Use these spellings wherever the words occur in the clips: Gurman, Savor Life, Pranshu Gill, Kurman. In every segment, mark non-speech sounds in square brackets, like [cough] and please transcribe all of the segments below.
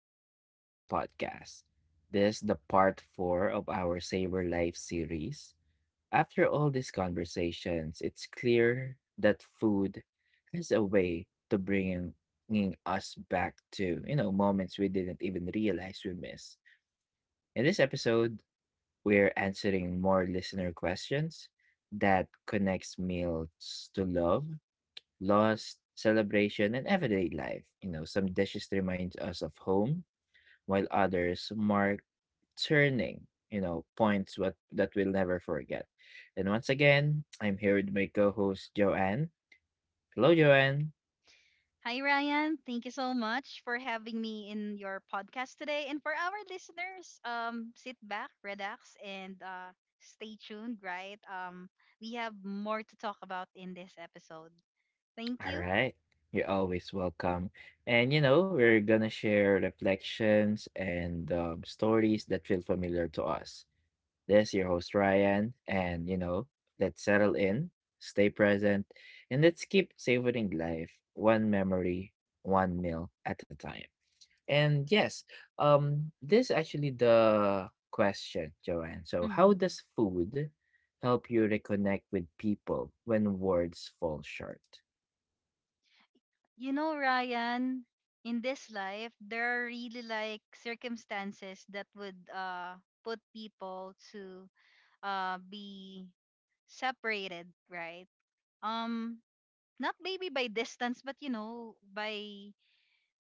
welcome back to the podcast. This is the part 4 of our Savor Life series. After all these conversations, it's clear that food has a way to bringing us back to, you know, moments we didn't even realize we missed. In this episode, we're answering more listener questions that connects meals to love, loss, celebration, and everyday life. You know, some dishes reminds us of home while others mark turning, you know, points what that we'll never forget. And once again, I'm here with my co-host Joanne. Hello, Joanne. Hi, Ryan. Thank you so much for having me in your podcast today. And for our listeners, sit back, relax, and stay tuned, right? We have more to talk about in this episode. Thank All you. right. You're always welcome. And you know, we're gonna share reflections and stories that feel familiar to us. This is your host Ryan, and you know, let's settle in, stay present, and let's keep savoring life one memory, one meal at a time. And yes, this actually the question, Joanne. So, how does hmm food help you reconnect with people when words fall short? You know, Ryan, in this life, there are really like circumstances that would put people to be separated, right? Um, not maybe by distance, but you know, by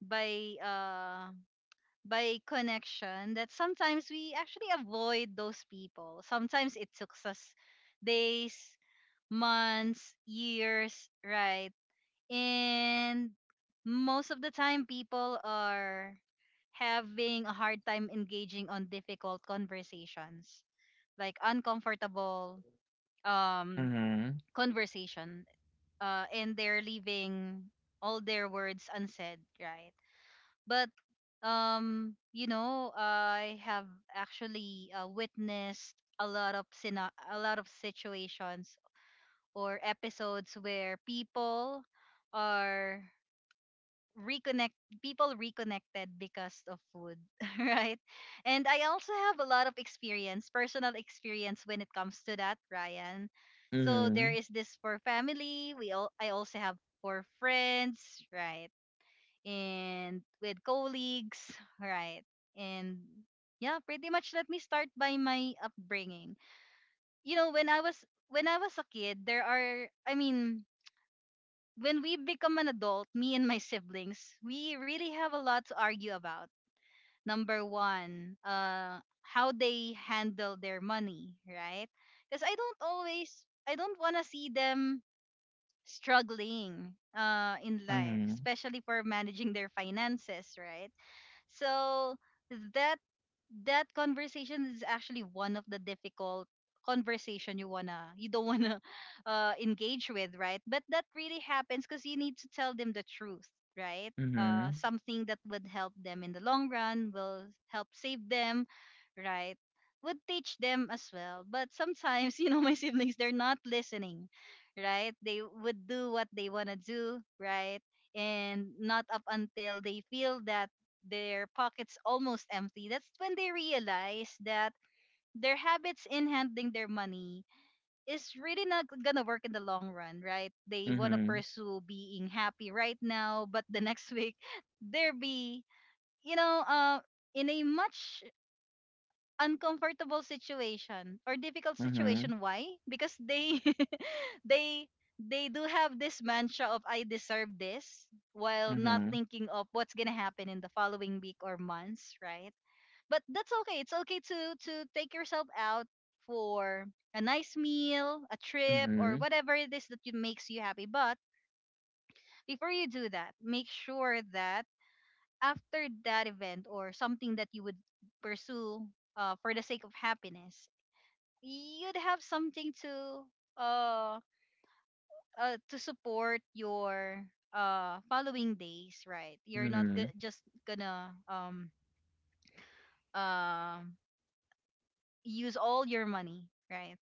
by uh by connection that sometimes we actually avoid those people. Sometimes it took us days, months, years, right? And most of the time people are having a hard time engaging on difficult conversations, like uncomfortable um Mm-hmm. conversation. And they're leaving all their words unsaid, right? But you know, I have actually witnessed a lot of a lot of situations or episodes where people are reconnected because of food [laughs] right. And I also have a lot of experience personal experience when it comes to that, Ryan. So there Mm-hmm. is this for family, we all I also have for friends, right? And with colleagues, right? And yeah, pretty much let me start by my upbringing. You know, when I was a kid, there are when we become an adult, me and my siblings, we really have a lot to argue about. Number 1, how they handle their money, right? Cuz I don't want to see them struggling in life, Mm-hmm. especially for managing their finances, right? So that that conversation is actually one of the difficult conversation you wanna you don't wanna [laughs] engage with, right? But that really happens because you need to tell them the truth, right? Something that would help them in the long run, will help save them, right? Would teach them as well. But sometimes, [laughs] you know, my siblings they're not listening, right? They would do what they wanna do, right? And not up until they feel that their pockets almost empty, that's when they realize that their habits in handling their money is really not gonna work in the long run, right? They wanna Mm-hmm. pursue being happy right now, but the [laughs] next week they'll be, you know, in a much uncomfortable situation or difficult Mm-hmm. situation. Why? Because they [laughs] they they do have this mantra of I deserve this, while not Mm-hmm. thinking of what's gonna happen in the following week or months, right? But that's okay. It's okay to take yourself out for a nice meal, a trip, or Mm-hmm. whatever it is that you, makes you happy. But before you do that, make sure that after that event or something that you would pursue for the sake of happiness, you'd have something uh, to support your following days, right? You're not Mm-hmm. Just gonna um use all your money, right?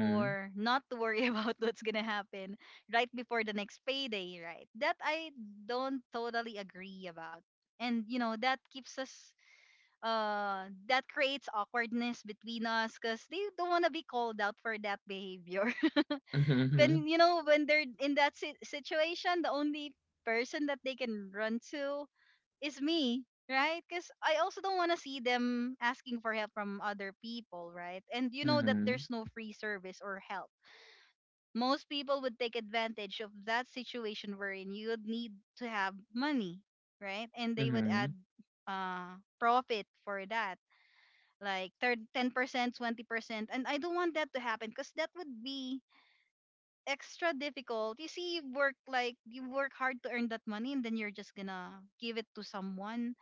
Or not to worry [laughs] about what's gonna happen right before the next payday, right? That I don't totally agree about. And you know, that keeps us that creates awkwardness between us because they don't wanna be called out for that behavior. Mm-hmm. [laughs] Mm-hmm. When [laughs] you know, when they're in that situation, the only person that they can run to is me. Right? Because I also don't want to see them asking for help from other people, right? And you know that Mm-hmm. there's no free service or help. Most people would take advantage of that situation wherein you would need to have money, right? And they would Mm-hmm. add profit for that, like 10%, 20%. And I don't want that to happen because that would be extra difficult. You see, you work like you work hard to earn that money, and then you're just gonna give it to someone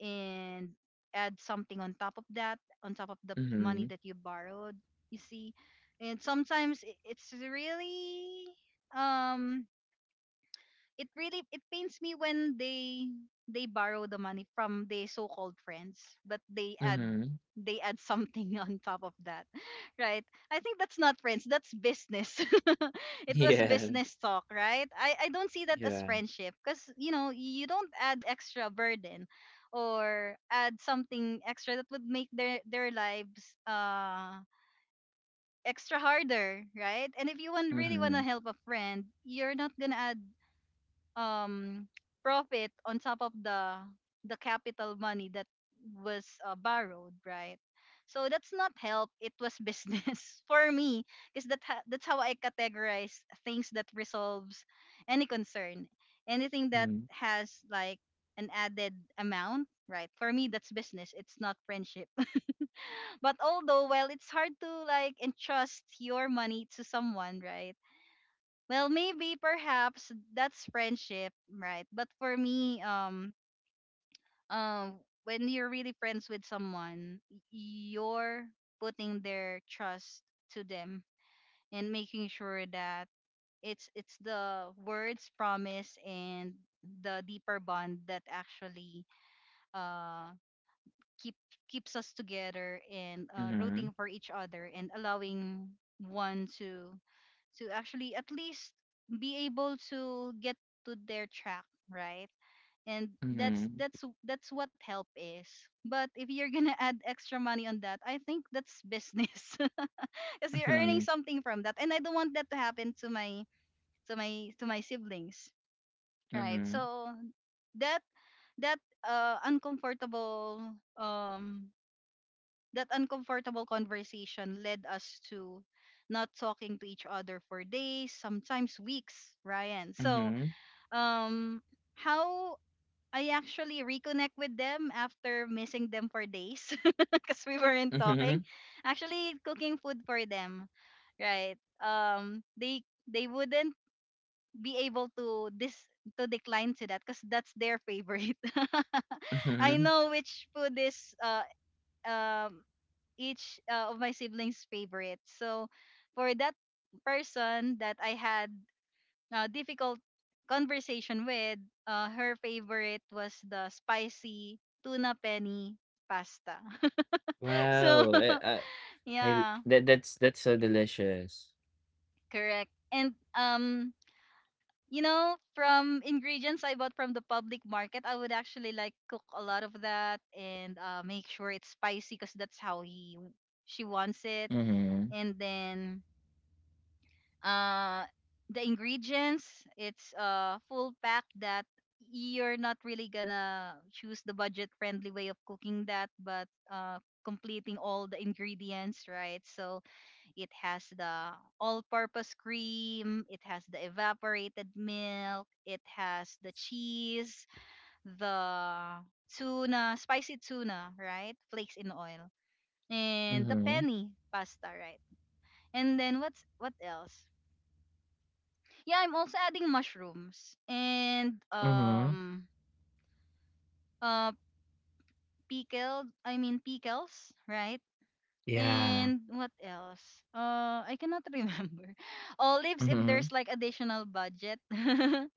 and add something on top of that, on top of the Mm-hmm. money Mm-hmm. that you borrowed, you see. And sometimes it's really um it really it pains me when they borrow the money from the so-called friends, but Mm-hmm. they add something [laughs] on top of that, right? I think that's not friends, that's business. [laughs] [laughs] It was Yeah. business talk, right? I don't see that as Yeah. friendship because you know you don't add extra burden or add something extra that would make their lives extra harder, right? And if you want really want to Mm-hmm. help a friend, you're not gonna add um profit on top of the capital money that was borrowed, right? So that's not help, it was business [laughs] for me. Because that that's how I categorize things that resolves any concern, anything that Mm-hmm. has like an added amount, right? For me, that's business, it's not friendship. [laughs] But although, well, it's hard to like entrust your money to someone, right? Well, maybe perhaps that's friendship, right? But for me, when you're really friends with someone, you're putting their trust to them and making sure that it's the words promise and the deeper bond that actually uh keep keeps us together and Mm-hmm. rooting for each other, and allowing one to actually at least be able to get to their track, right? And that's Mm-hmm. that's that's what help is. But if you're gonna [laughs] add extra money on that, I think that's business, [laughs] because you're earning [laughs] something from that. And I don't want that to happen to my to my siblings, right? Mm-hmm. So that that uncomfortable um that uncomfortable conversation led us to not talking to each other for days, sometimes weeks, Ryan. So, Mm-hmm. um, how I actually reconnect with them after missing them for days [laughs] because we weren't talking. Mhm, Actually, cooking food for them, right? They wouldn't be able to this to decline to that because that's their favorite. [laughs] I mhm. know which food is um each of my siblings' favorite. So for that person that I had a difficult conversation with, her favorite was the spicy tuna penny pasta. [laughs] So Wow, eh, ah, I yeah, that that's so delicious. correct. And you know, from ingredients I bought from the public market, I would actually like cook a lot of that and make sure it's spicy because that's how he she wants it. Mhm, And then uh the ingredients it's a full pack that you're not really gonna choose the budget friendly way of cooking that, but completing all the ingredients, right? So it has the all purpose cream, it has the evaporated milk, it has the cheese, the tuna spicy tuna, right, flakes in oil, and the mhm, penny pasta, right? And then what's what else. Yeah, I'm also adding mushrooms and mhm. Uh pickled I mean pickles, right? Yeah. And what else? I cannot [laughs] remember. Olives if Mhm, there's like additional budget. [laughs]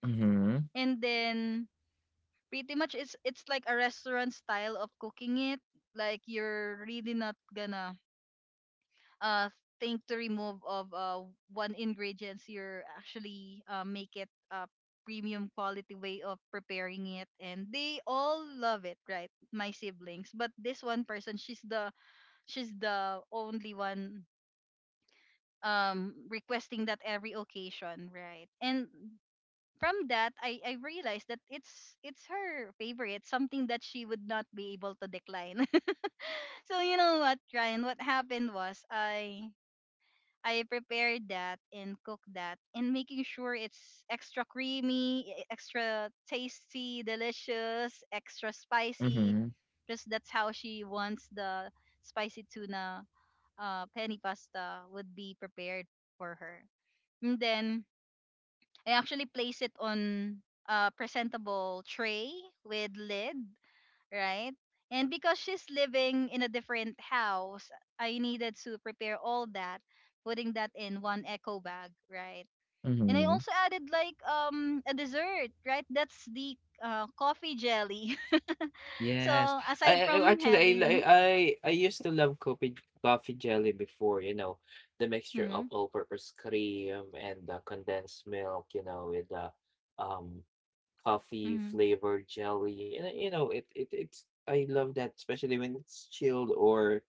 mhm, And then pretty much it's like a restaurant style of cooking it. Like you're really not gonna uh thing to remove of one ingredients, you're actually make it a premium quality way of preparing it, and they all love it, right, my siblings. But this one person, she's the only one requesting that every occasion, right? And from that I realized that it's her favorite, something that she would not be able to decline. [laughs] So you know what, Ryan, what happened was I prepare that and cook that, and making sure it's extra creamy, extra tasty, delicious, extra mhm, spicy. Because that's how she wants the spicy tuna penny pasta would be prepared for her. And then I actually place it on a presentable tray with lid, right? And because she's living in a different house, I needed to prepare all that, putting that in one eco bag, right? And I mhm. also added like a dessert, right? That's the coffee jelly. [laughs] Yes. So aside I, I from actually I li- having, I used to love coffee jelly before, you know, the mixture mm-hmm, of all-purpose cream and the condensed milk, you know, with the um coffee mm-hmm, flavored jelly. And you know, it's I love that, especially when it's chilled or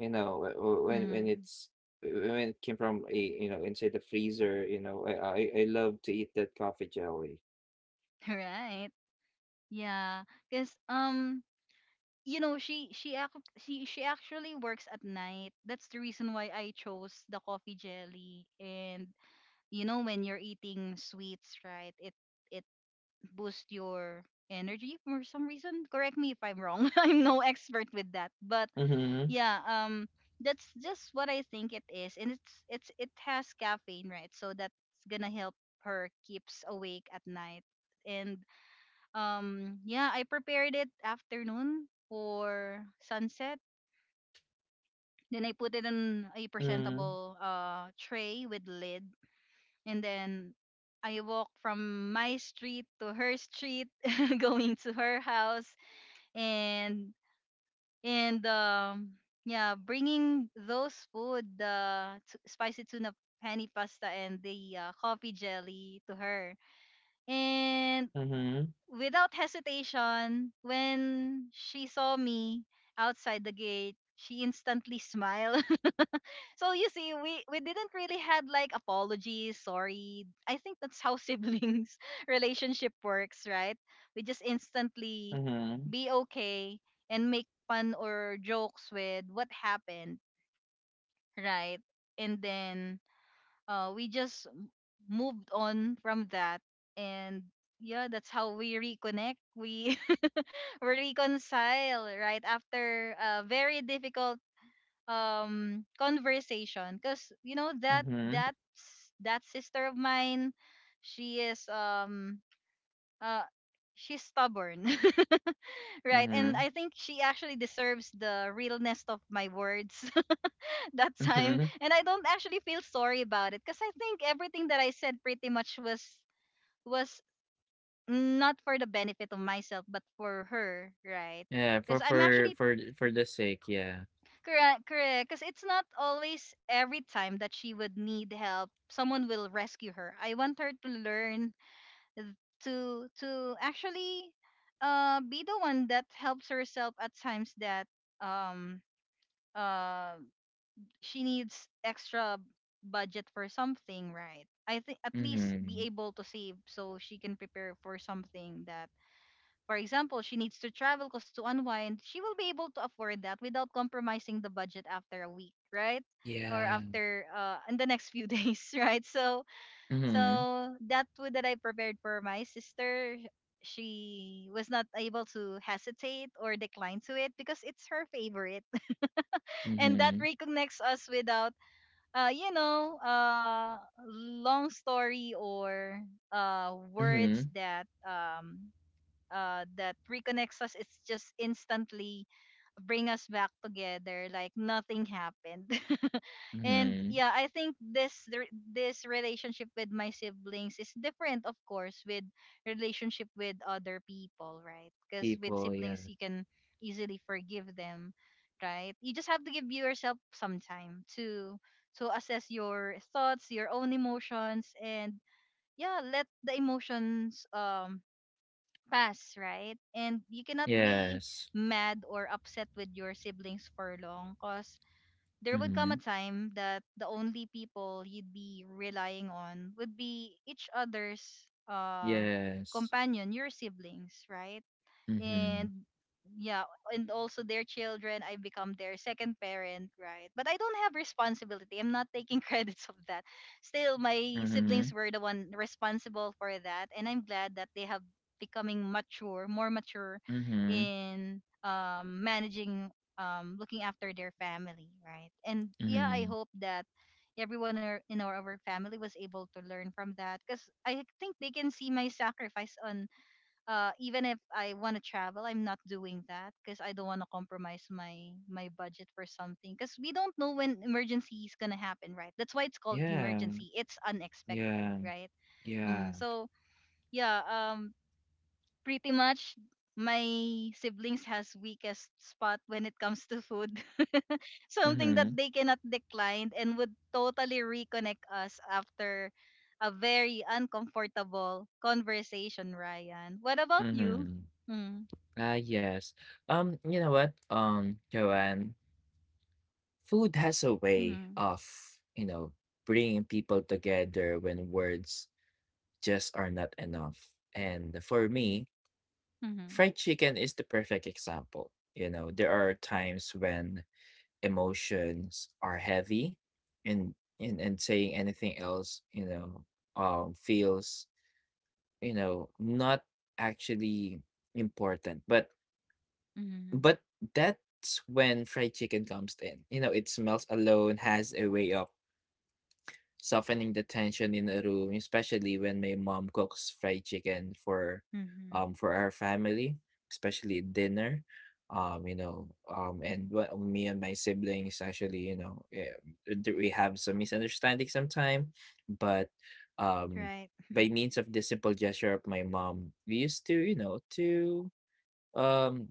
you know, when mm-hmm, it's when it came from a you know inside the freezer, you know, I love to eat that coffee jelly. [laughs] right? Yeah, because you know, she actually works at night. That's the reason why I chose the coffee jelly. And you know, when you're eating sweets, right, it it boosts your energy for some reason, correct me if I'm wrong, [laughs] I'm no expert with that, but Mm-hmm. yeah. That's just what I think it is, and it's it has caffeine, right? So that's gonna help her keeps awake at night. And yeah, I prepared it afternoon for sunset, then I put it in a Mm-hmm. presentable tray with lid, and then I walk from my street to her street, [laughs] going to her house, and and um yeah, bringing those food, the spicy tuna pani pasta and the coffee jelly to her. And Mm-hmm. without hesitation, when she saw me outside the gate, she instantly [laughs] smiled. So you see, we didn't really had like apologies, sorry. I think that's how siblings [laughs] relationship works, right? We just instantly Mm-hmm. be okay and make fun or jokes with what happened, right? And then we just moved on from that and yeah, that's how we reconnect. We [laughs] we reconcile, right? After a very difficult conversation because you know that Mhm, that sister of mine, she is uh she's stubborn. [laughs] Right, and mhm, I think she actually deserves the realness of my words [laughs] that time, mhm. and I don't actually feel sorry about it because I think everything that I said pretty much was not for the benefit of myself but for her, right? Yeah, Because I'm actually— for the sake, yeah. Correct, correct. Because it's not always every time that she would need help, someone will rescue her. I want her to learn th- to actually be the one that helps herself at times that um uh she needs extra budget for something, right? I think at least be Mhm. able to save so she can prepare for something that, for example, she needs to travel because, to unwind, she will be able to afford that without compromising the budget after a week, right? Or Yeah. after in the next few [laughs] days, right? So Mhm, so that food that I prepared for my sister, she was not able to hesitate or decline to it because it's her favorite, [laughs] and that mhm, reconnects us without uh, you know, uh, long story or words mhm, that that reconnects us. It's just instantly bring us back together like nothing happened. [laughs] And mhm. yeah, I think this relationship with my siblings is different, of course, with relationship with other people, right? Because with People, yeah. siblings, you can easily forgive them, right? You just have to give yourself some time to assess your thoughts, your own emotions, and yeah, let the emotions pass, right? And you cannot be Yes. mad or upset with your siblings for long because there would come a Mhm. time that the only people you'd be relying on would be each other's Yes. companion, your siblings, right? Mhm. And yeah, and also their children, I become their second parent, right? But I don't have responsibility, I'm not taking [laughs] credits of that. Still, my siblings Mhm, were the one responsible for that, and I'm glad that they have becoming mature, more mature mhm, in managing, looking after their family, right? And yeah, I mhm. hope that everyone in our family was able to learn from that, because I think they can see my sacrifice on even if I want to travel, I'm not doing that because I don't want to compromise my budget for something, because we don't know when emergency is gonna happen, right? That's why it's called Yeah, emergency. It's unexpected, yeah, right? Yeah. So yeah, pretty much my siblings has weakest spot when it comes to food, [laughs] something that Mhm, they cannot decline and would totally reconnect us after a very uncomfortable conversation. Ryan, what about you? mhm. Mm. Ah, yes. You know what, Joanne? Food has a way Mhm. of, you know, bringing people together when words just are not enough. And for me, Mhm. fried chicken is the perfect example. You know, there are times when emotions are heavy and and saying anything else, you know, feels, you know, not actually important. Mhm. But that's when fried chicken comes in. You know, it smells alone, has a way of softening the tension in a room, especially when my mom cooks fried chicken Mhm. For our family, especially dinner. You know, and what me and my siblings actually, you know, do we have some misunderstanding sometime, but um, Right. by means of the simple gesture of my mom, we used to, you know, um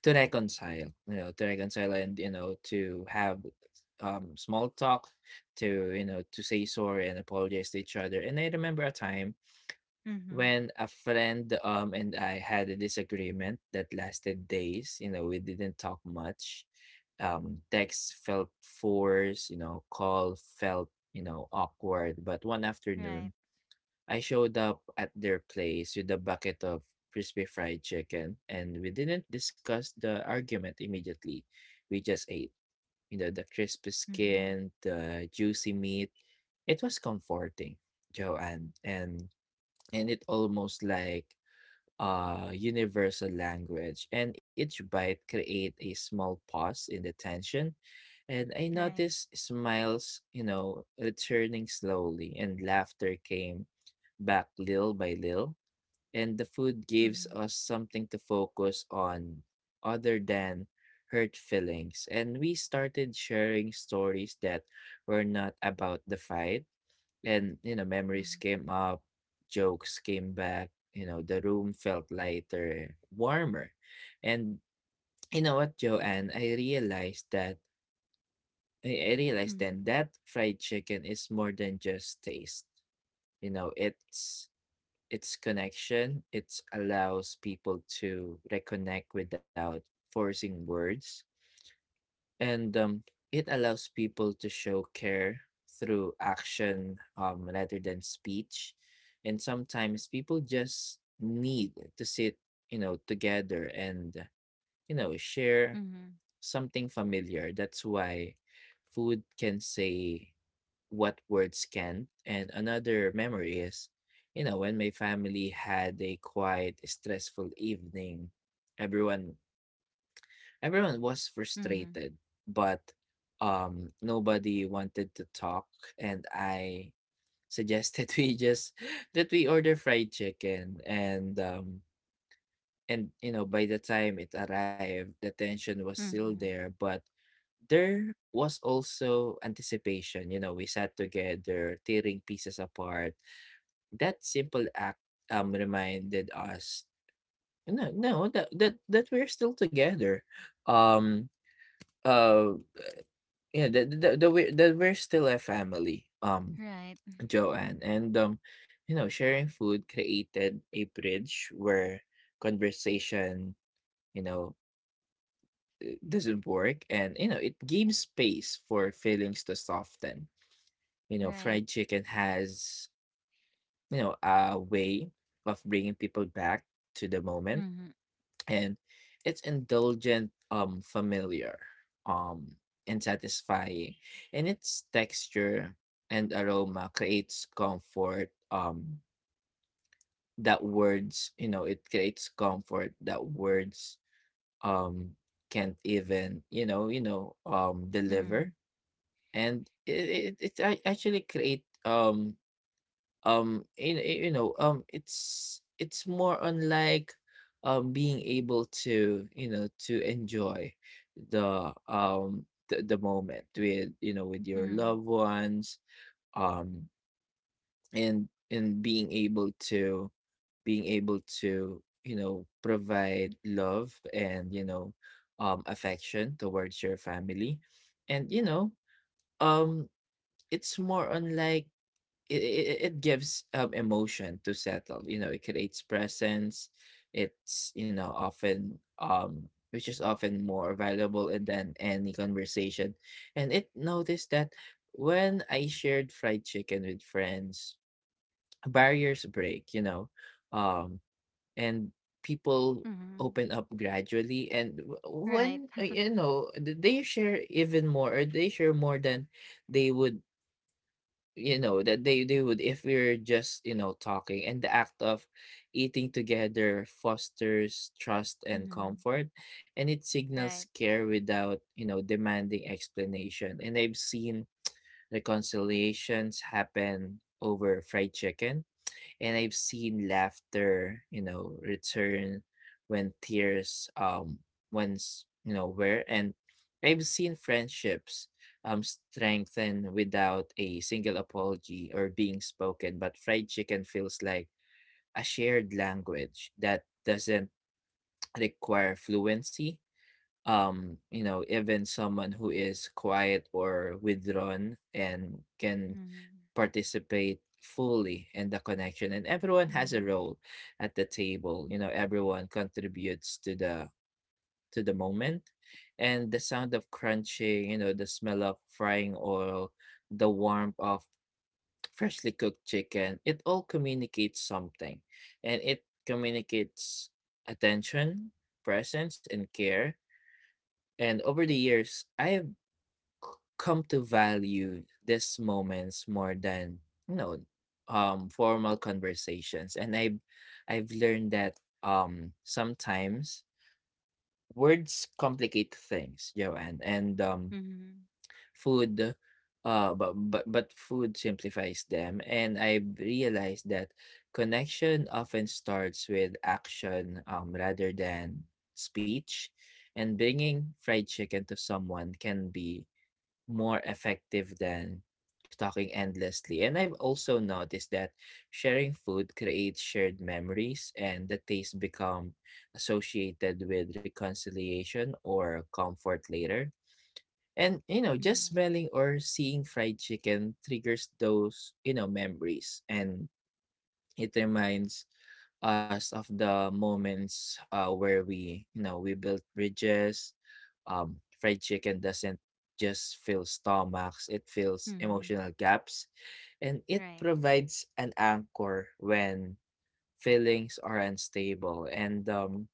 to reconcile, you know, to reconcile and, you know, to have, small talk, to, you know, to say sorry and apologize to each other. And I remember a time Mhm. when a friend, and I had a disagreement that lasted days, you know, we didn't talk much. Text felt forced, you know, call felt, you know, awkward. But one Right. afternoon, I showed up at their place with a bucket of crispy fried chicken, and we didn't discuss the argument immediately. We just ate. You know, the crispy Mhm. skin, the juicy meat. It was comforting, Joanne, and it almost like a universal language, and each bite create a small pause in the tension, and I Right. noticed smiles, you know, returning slowly, and laughter came back little by little. And the food gives Mhm. us something to focus on other than hurt feelings. And we started sharing stories that were not about the fight. And, you know, memories Mhm. came up, jokes came back, you know, the room felt lighter, warmer. And you know what, Joanne, I realized then Mhm. that fried chicken is more than just taste. You know, it's connection. It allows people to reconnect without forcing words, and it allows people to show care through action rather than speech. And sometimes people just need to sit, you know, together and you know share Mhm. something familiar. That's why food can say what words can't. And another memory is, you know, when my family had a quiet, stressful evening, everyone everyone was Mhm. frustrated, but nobody wanted to talk and I suggested [laughs] we just that we order fried chicken, and you know by the time it arrived the tension was still there, Mhm. but there was also anticipation. You know, we sat together, tearing pieces apart. That simple act reminded us, no, no, that we're still together. Um, uh, yeah, that that, that we that we're still a family. Right. Joanne, and you know, sharing food created a bridge where conversation, you know, doesn't work, and you know, it gives space for feelings to soften. You know, Right. fried chicken has, you know, a way of bringing people back to the moment, Mhm. and it's indulgent, familiar, um, and satisfying. And its texture and aroma creates comfort, that words, you know, it creates comfort that words, um, can't even, you know, deliver. Mhm. And it actually create you, you know it's more on like being able to you know to enjoy the moment with you know with your Mhm. loved ones, um, and being able to you know provide love and you know affection towards your family, and you know um it's more on like it gives emotion to settle. You know, it creates presence. It's you know often which is often more valuable and than any conversation. And it noticed that when I shared fried chicken with friends, barriers break. You know, um, and people Mhm. open up gradually, and w- Right. when [laughs] you know they share even more, or they share more than they would you know that they would if we're just you know talking, and the act of eating together fosters trust and Mhm. comfort, and it signals Right. care without you know demanding explanation. And I've seen reconciliations happen over fried chicken, and I've seen laughter, you know, return when tears once you know were, and I've seen friendships strengthen without a single apology or being spoken, but fried chicken feels like a shared language that doesn't [tsk] require fluency. You know, even someone who is quiet or withdrawn and can Mhm. participate fully in the connection, and everyone has a Mhm. role at the table, you know everyone contributes to the moment, and the sound of crunching, you know the smell of frying oil, the warmth of freshly cooked chicken, it all communicates something. And it communicates attention, presence, and care. And over the years I c- come to value these moments more than, you know, formal conversations. And I've learned that sometimes words complicate things, Joanne, and um, Mhm. food but food simplifies them. And I realized that connection often starts with action, rather than speech, and bringing fried chicken to someone can be more effective than talking endlessly. And I've also noticed that sharing food creates shared memories, and the taste become associated with reconciliation or comfort later. And you know, just Mhm. smelling or seeing fried chicken triggers those, you know, memories. And it reminds us of the moments where we, you know, we built bridges. Fried chicken doesn't just fill stomachs, it fills Mhm. emotional gaps. And it Right. provides an anchor when feelings are unstable. And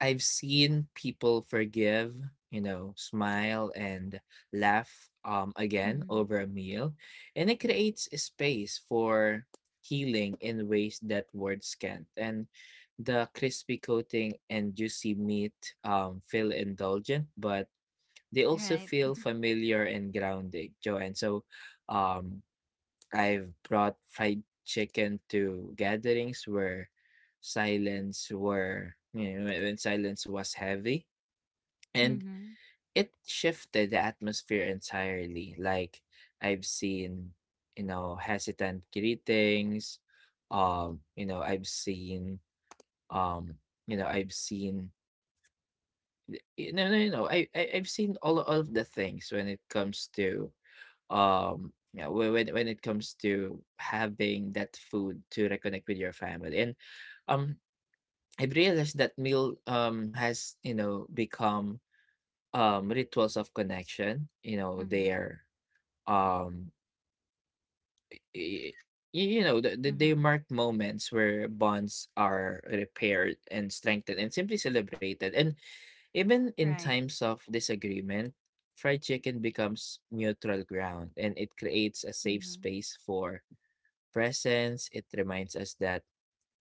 I've seen people forgive, you know, smile and laugh, again Mhm. over a meal, and it creates a space for healing in ways that words can't. And the crispy coating and juicy meat, feel indulgent, but they also Right. feel [laughs] familiar and grounding, Joanne. So, um, I've brought fried chicken to gatherings where silence were you know, when silence was heavy, and Mhm. it shifted the atmosphere entirely. Like I've seen, you know, hesitant greetings. You know, I've seen, um, you know, I've seen you know, no, no, no. I've seen all of the things when it comes to yeah when it comes to having that food to reconnect with your family. And um I've realized that meal has you know become rituals of connection, you know they Mhm. are, um y- y- you know they Mhm. mark moments where bonds are repaired and strengthened and simply celebrated. And even in Right. times of disagreement fried chicken becomes neutral ground, and it creates a safe Mhm. space for presence. It reminds us that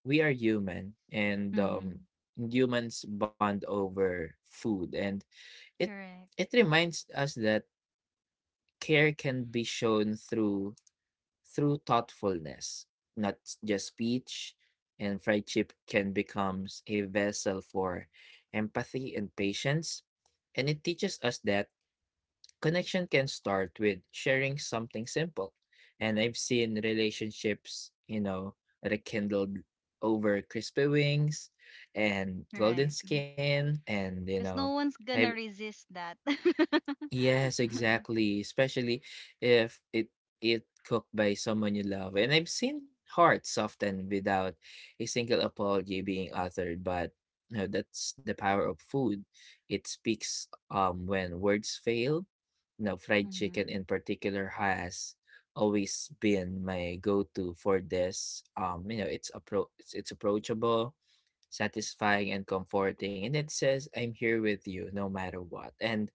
we are human, and Mhm. humans bond over food. And it Correct. it reminds us that care can be shown through thoughtfulness, not just speech. And friendship can becomes a vessel for empathy and patience. And it teaches us that connection can start with sharing something simple. And I've seen relationships, you know, rekindled over crispy wings and golden Right. skin. And, you know, Because no one's I gonna resist that. Yes, [laughs] exactly, especially if it cooked by someone you love. And I've seen hearts soften without a single apology being uttered, but you know, that's the power of food. It speaks when words fail. You know, fried chicken Mhm. in particular has always been my go-to for this. It's approachable, satisfying, and comforting, and it says I'm here with you no matter what. And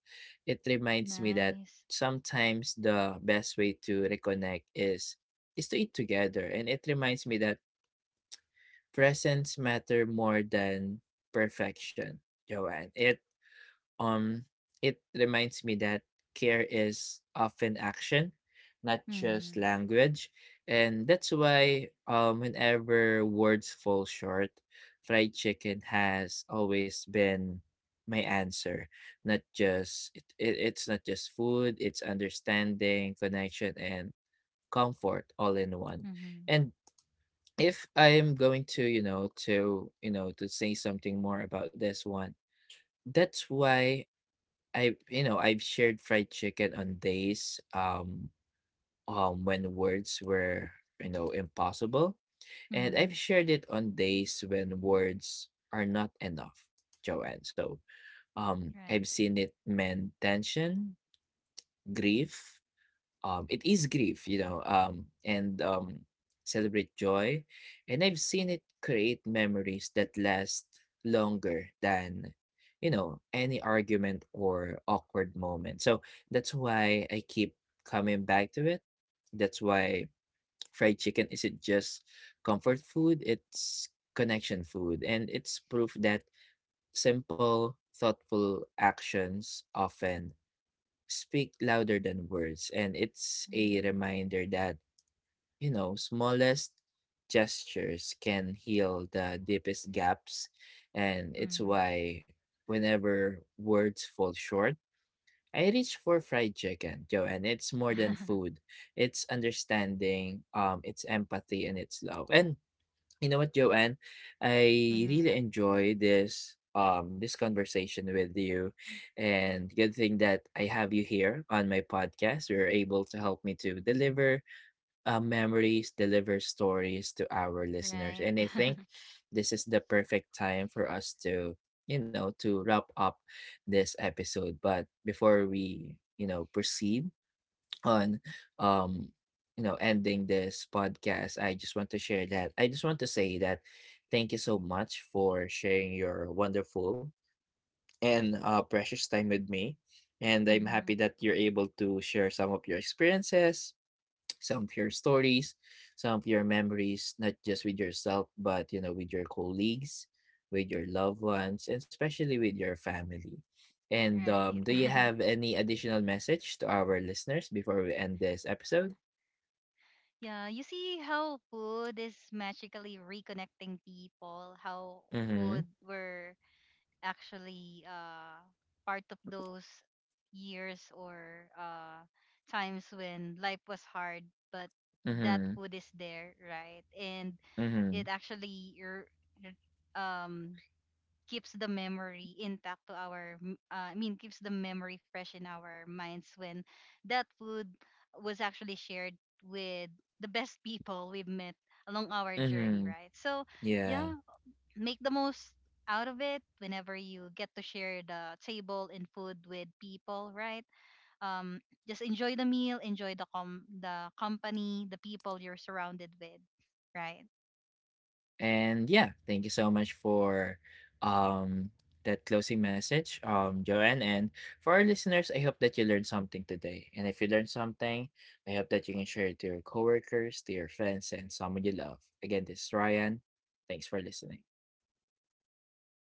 it reminds me that Nice. sometimes the best way to reconnect is to eat together. And it reminds me that presence matter more than perfection, Joanne. Um it reminds me that care is often action, not just Mhm. language. And that's why, whenever words fall short, fried chicken has always been my answer. Not just it, it, it's not just food, it's understanding, connection, and comfort all in one. Mhm. And if I'm going to, to, to say something more about this one, that's why I, you know, I've shared fried chicken on days when words were, you know, impossible. And I've Mhm. shared it on days when words are not enough, Joanne. So I've Right. seen it mend tension, grief, it is grief, you know, and celebrate joy. And I've seen it create memories that last longer than, you know, any argument or awkward moment. So that's why I keep coming back to it. That's why fried chicken isn't just comfort food, it's connection food. And it's proof that simple, thoughtful actions often speak louder than words. And it's a Mhm. reminder that, you know, smallest gestures can heal the deepest gaps. And it's Mhm. why whenever words fall short, I reach for fried chicken, Joe, and it's more than food. It's understanding, it's empathy, and it's love. And you know what, Joanne? I really Mhm. [laughs] enjoy this this conversation with you. And good thing that I have you here on my podcast. You're able to help me to deliver memories, deliver stories to our listeners. Right. And I think [laughs] this is the perfect time for us to, you know, to wrap up this episode. But before we, you know, proceed, on um you know, ending this podcast, I just want to share that I just want to say that thank you so much for sharing your wonderful and precious time with me, and I'm happy Mhm. that you're able to share some of your experiences, some of your stories, some of your memories, not just with yourself, but you know, with your colleagues, with your loved ones, and especially with your family. And Right. Do you [laughs] have any additional message to our listeners before we end this episode? Yeah, you see how food is magically reconnecting people, how Mm-hmm. food were actually part of those years or times when life was hard, but that Mm-hmm. food is there, right? And Mm-hmm. it actually er, um keeps the memory intact to our I mean, keeps the memory fresh in our minds when that food was actually shared with the best people we've met along our journey, Mm-hmm. right? So Yeah. yeah, make the most out of it whenever you get to share the table and food with people, right? um just enjoy the meal, enjoy the company, the people you're surrounded with, right? And yeah, thank you so much for um that closing message, Joanne. And for our listeners, I hope that you learned something today. And if you learned something, I hope that you can share it to your coworkers, to your friends, and someone you love. Again, this is Ryan. Thanks for listening.